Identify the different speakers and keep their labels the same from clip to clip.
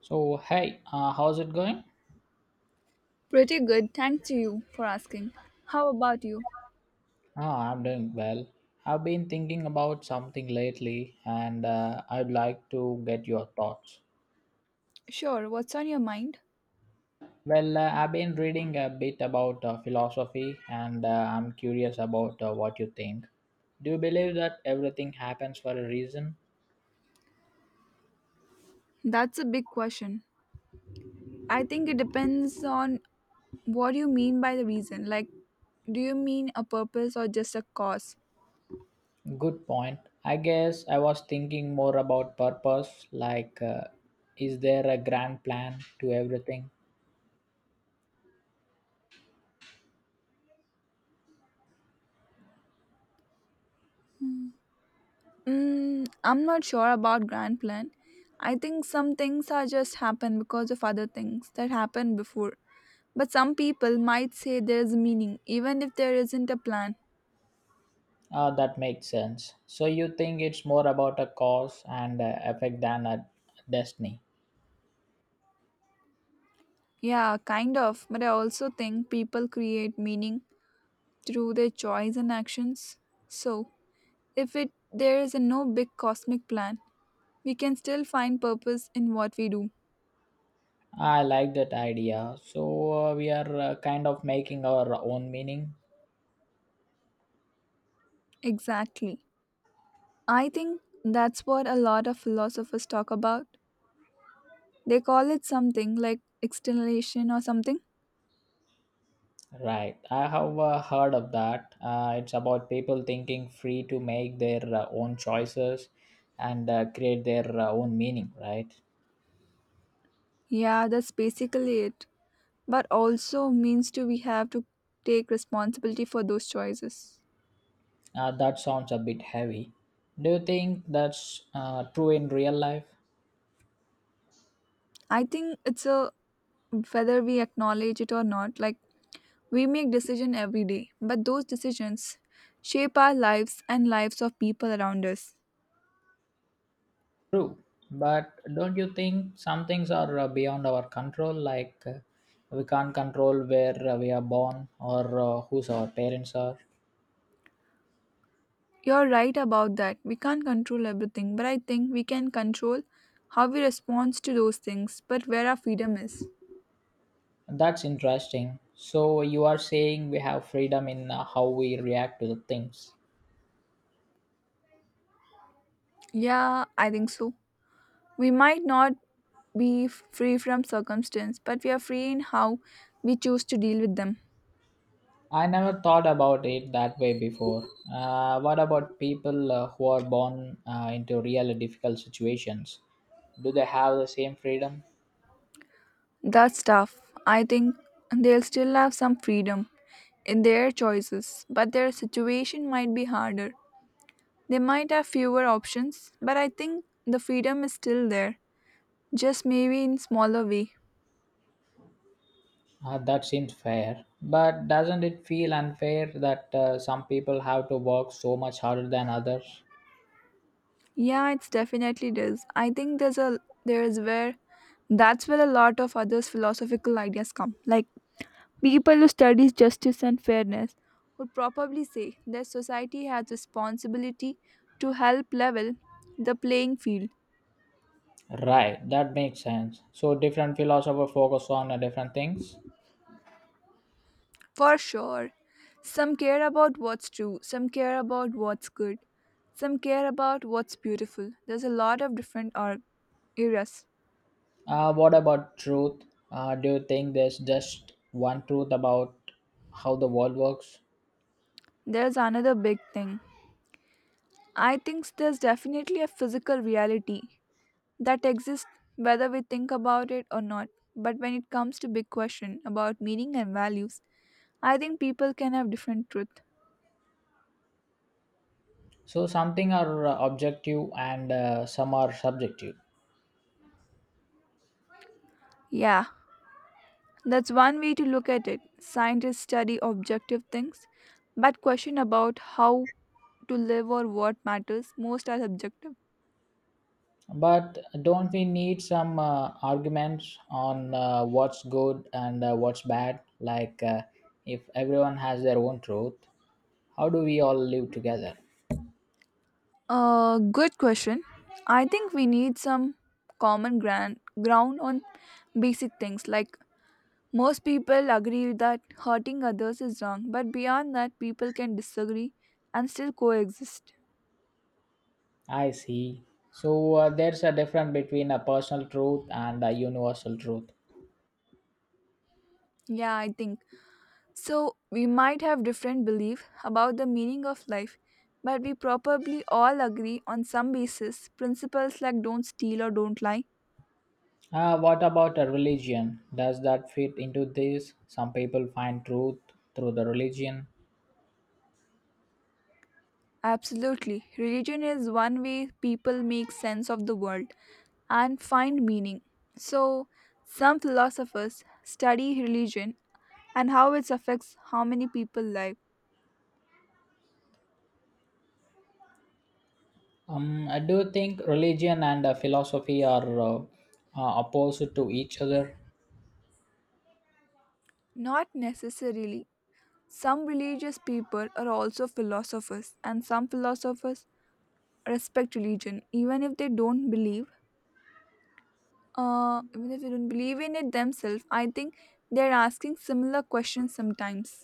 Speaker 1: So, hey, how's it going?
Speaker 2: Pretty good, thanks to you for asking. How about you?
Speaker 1: Ah, I'm doing well. I've been thinking about something lately and I'd like to get your thoughts.
Speaker 2: Sure, what's on your mind?
Speaker 1: I've been reading a bit about philosophy and I'm curious about what you think. Do you believe that everything happens for a reason?
Speaker 2: That's a big question. I think it depends on what you mean by the reason. Like, do you mean a purpose or just a cause?
Speaker 1: Good point. I guess I was thinking more about purpose, is there a grand plan to everything?
Speaker 2: Mm, I'm not sure about grand plan. I think some things are just happen because of other things that happened before. But some people might say there is meaning even if there isn't a plan.
Speaker 1: That makes sense. So you think it's more about a cause and effect than a destiny.
Speaker 2: Yeah, kind of. But I also think people create meaning through their choice and actions. So, if it there is a no big cosmic plan, we can still find purpose in what we do.
Speaker 1: I like that idea. So we are kind of making our own meaning.
Speaker 2: Exactly. I think that's what a lot of philosophers talk about. They call it something like externalization or something.
Speaker 1: Right. I have heard of that. It's about people thinking free to make their own choices and create their own meaning, right?
Speaker 2: Yeah, that's basically it. But also means to we have to take responsibility for those choices.
Speaker 1: That sounds a bit heavy. Do you think that's true in real life?
Speaker 2: I think it's a whether we acknowledge it or not, like, we make decisions every day, but those decisions shape our lives and lives of people around us.
Speaker 1: True, but don't you think some things are beyond our control? Like, we can't control where we are born or whose our parents are.
Speaker 2: You're right about that. We can't control everything, but I think we can control how we respond to those things, but where our freedom is.
Speaker 1: That's interesting. So you are saying we have freedom in how we react to the things.
Speaker 2: Yeah, I think so. We might not be free from circumstance, but we are free in how we choose to deal with them.
Speaker 1: I never thought about it that way before. What about people who are born into really difficult situations? Do they have the same freedom?
Speaker 2: That's tough. I think they'll still have some freedom in their choices, but their situation might be harder. They might have fewer options, but I think the freedom is still there, just maybe in smaller way.
Speaker 1: That seems fair, but doesn't it feel unfair that some people have to work so much harder than others?
Speaker 2: Yeah, it's definitely does. I think there is where that's where a lot of others philosophical ideas come. Like, people who study justice and fairness would probably say that society has responsibility to help level the playing field.
Speaker 1: Right, that makes sense. So different philosophers focus on different things.
Speaker 2: For sure. Some care about what's true, some care about what's good, some care about what's beautiful. There's a lot of different or eras.
Speaker 1: What about truth? Do you think there's just one truth about how the world works?
Speaker 2: There's another big thing. I think there's definitely a physical reality that exists whether we think about it or not. But when it comes to big question about meaning and values, I think people can have different truth.
Speaker 1: So something are objective and some are subjective.
Speaker 2: Yeah, that's one way to look at it. Scientists study objective things, but question about how to live or what matters most are subjective.
Speaker 1: But don't we need some arguments on what's good and what's bad? If everyone has their own truth, how do we all live together?
Speaker 2: Good question. I think we need some common ground on basic things. Like, most people agree that hurting others is wrong, but beyond that, people can disagree and still coexist.
Speaker 1: I see. So, there's a difference between a personal truth and a universal truth.
Speaker 2: Yeah, I think so. We might have different belief about the meaning of life, but we probably all agree on some basis principles like don't steal or don't lie.
Speaker 1: What about a religion? Does that fit into this? Some people find truth through the religion.
Speaker 2: Absolutely. Religion is one way people make sense of the world and find meaning. So, some philosophers study religion and how it affects how many people live.
Speaker 1: I do think religion and philosophy are opposed to each other.
Speaker 2: Not necessarily. Some religious people are also philosophers, and some philosophers respect religion even if they don't believe in it themselves. I think they're asking similar questions sometimes.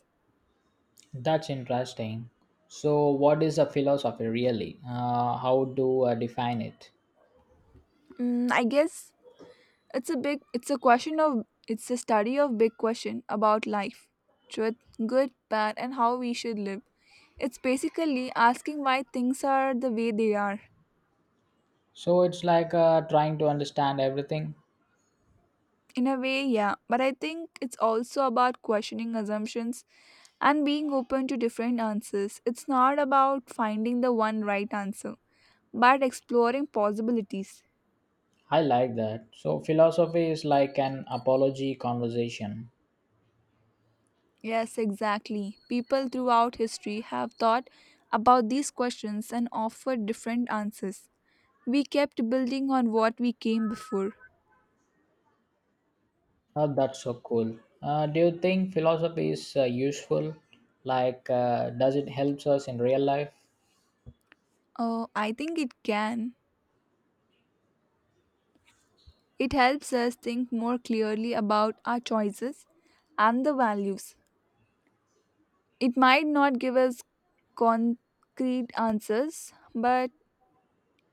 Speaker 1: That's interesting. So, what is a philosophy really? How do I define it?
Speaker 2: Mm, I guess it's a big it's a question of it's a study of big question about life, truth, good, bad, and how we should live. It's basically asking why things are the way they are.
Speaker 1: So, it's like trying to understand everything.
Speaker 2: In a way, yeah, but I think it's also about questioning assumptions and being open to different answers. It's not about finding the one right answer but exploring possibilities.
Speaker 1: I like that. So, philosophy is like an apology conversation.
Speaker 2: Yes, exactly. People throughout history have thought about these questions and offered different answers. We kept building on what we came before.
Speaker 1: Oh, that's so cool. Do you think philosophy is useful? Does it helps us in real life?
Speaker 2: Oh, I think it can. It helps us think more clearly about our choices and the values. It might not give us concrete answers, but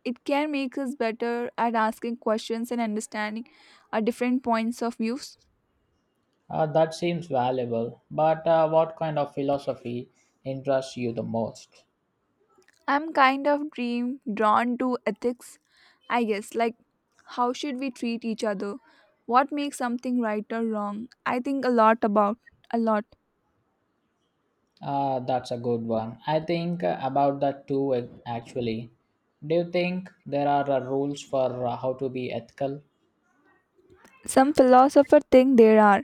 Speaker 2: it can make us better at asking questions and understanding our different points of views.
Speaker 1: That seems valuable. But what kind of philosophy interests you the most?
Speaker 2: I'm kind of dream drawn to ethics, I guess, like, how should we treat each other? What makes something right or wrong? I think a lot about a lot.
Speaker 1: Ah, that's a good one. I think about that too, actually. Do you think there are rules for how to be ethical?
Speaker 2: Some philosopher think there are,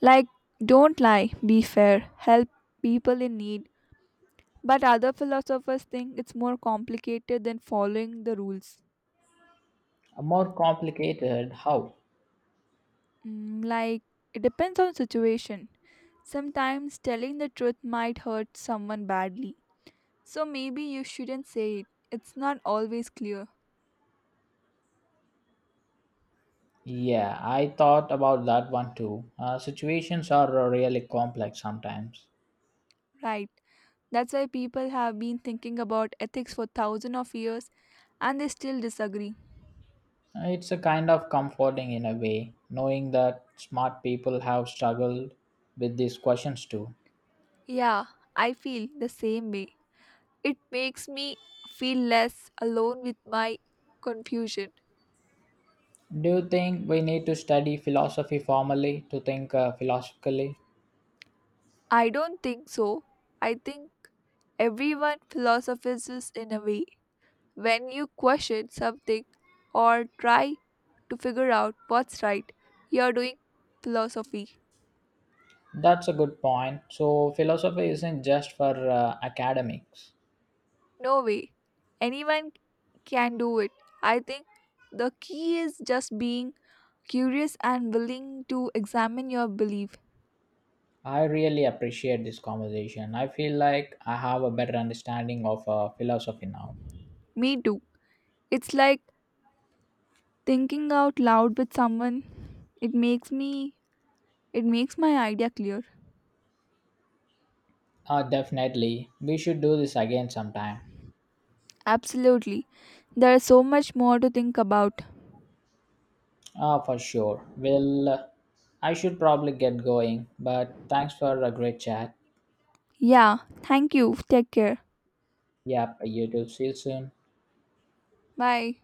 Speaker 2: like, don't lie, be fair, help people in need. But other philosophers think it's more complicated than following the rules.
Speaker 1: A more complicated, how?
Speaker 2: Mm, like, it depends on situation. Sometimes telling the truth might hurt someone badly. So maybe you shouldn't say it. It's not always clear,
Speaker 1: Yeah, I thought about that one too. Situations are really complex sometimes.
Speaker 2: right? That's why people have been thinking about ethics for thousands of years and they still disagree.
Speaker 1: It's a kind of comforting in a way, knowing that smart people have struggled with these questions too.
Speaker 2: Yeah, I feel the same way. It makes me feel less alone with my confusion.
Speaker 1: Do you think we need to study philosophy formally to think philosophically?
Speaker 2: I don't think so. I think everyone philosophizes in a way. When you question something or try to figure out what's right, you're doing philosophy.
Speaker 1: That's a good point. So, philosophy isn't just for academics.
Speaker 2: No way. Anyone can do it. I think the key is just being curious and willing to examine your belief.
Speaker 1: I really appreciate this conversation. I feel like I have a better understanding of philosophy now.
Speaker 2: Me too. It's like thinking out loud with someone. It makes me it makes my idea clear.
Speaker 1: Definitely. We should do this again sometime.
Speaker 2: Absolutely. There is so much more to think about.
Speaker 1: For sure. Well, I should probably get going, but thanks for a great chat.
Speaker 2: Yeah, thank you. Take care.
Speaker 1: Yep, you too. See you soon.
Speaker 2: Bye.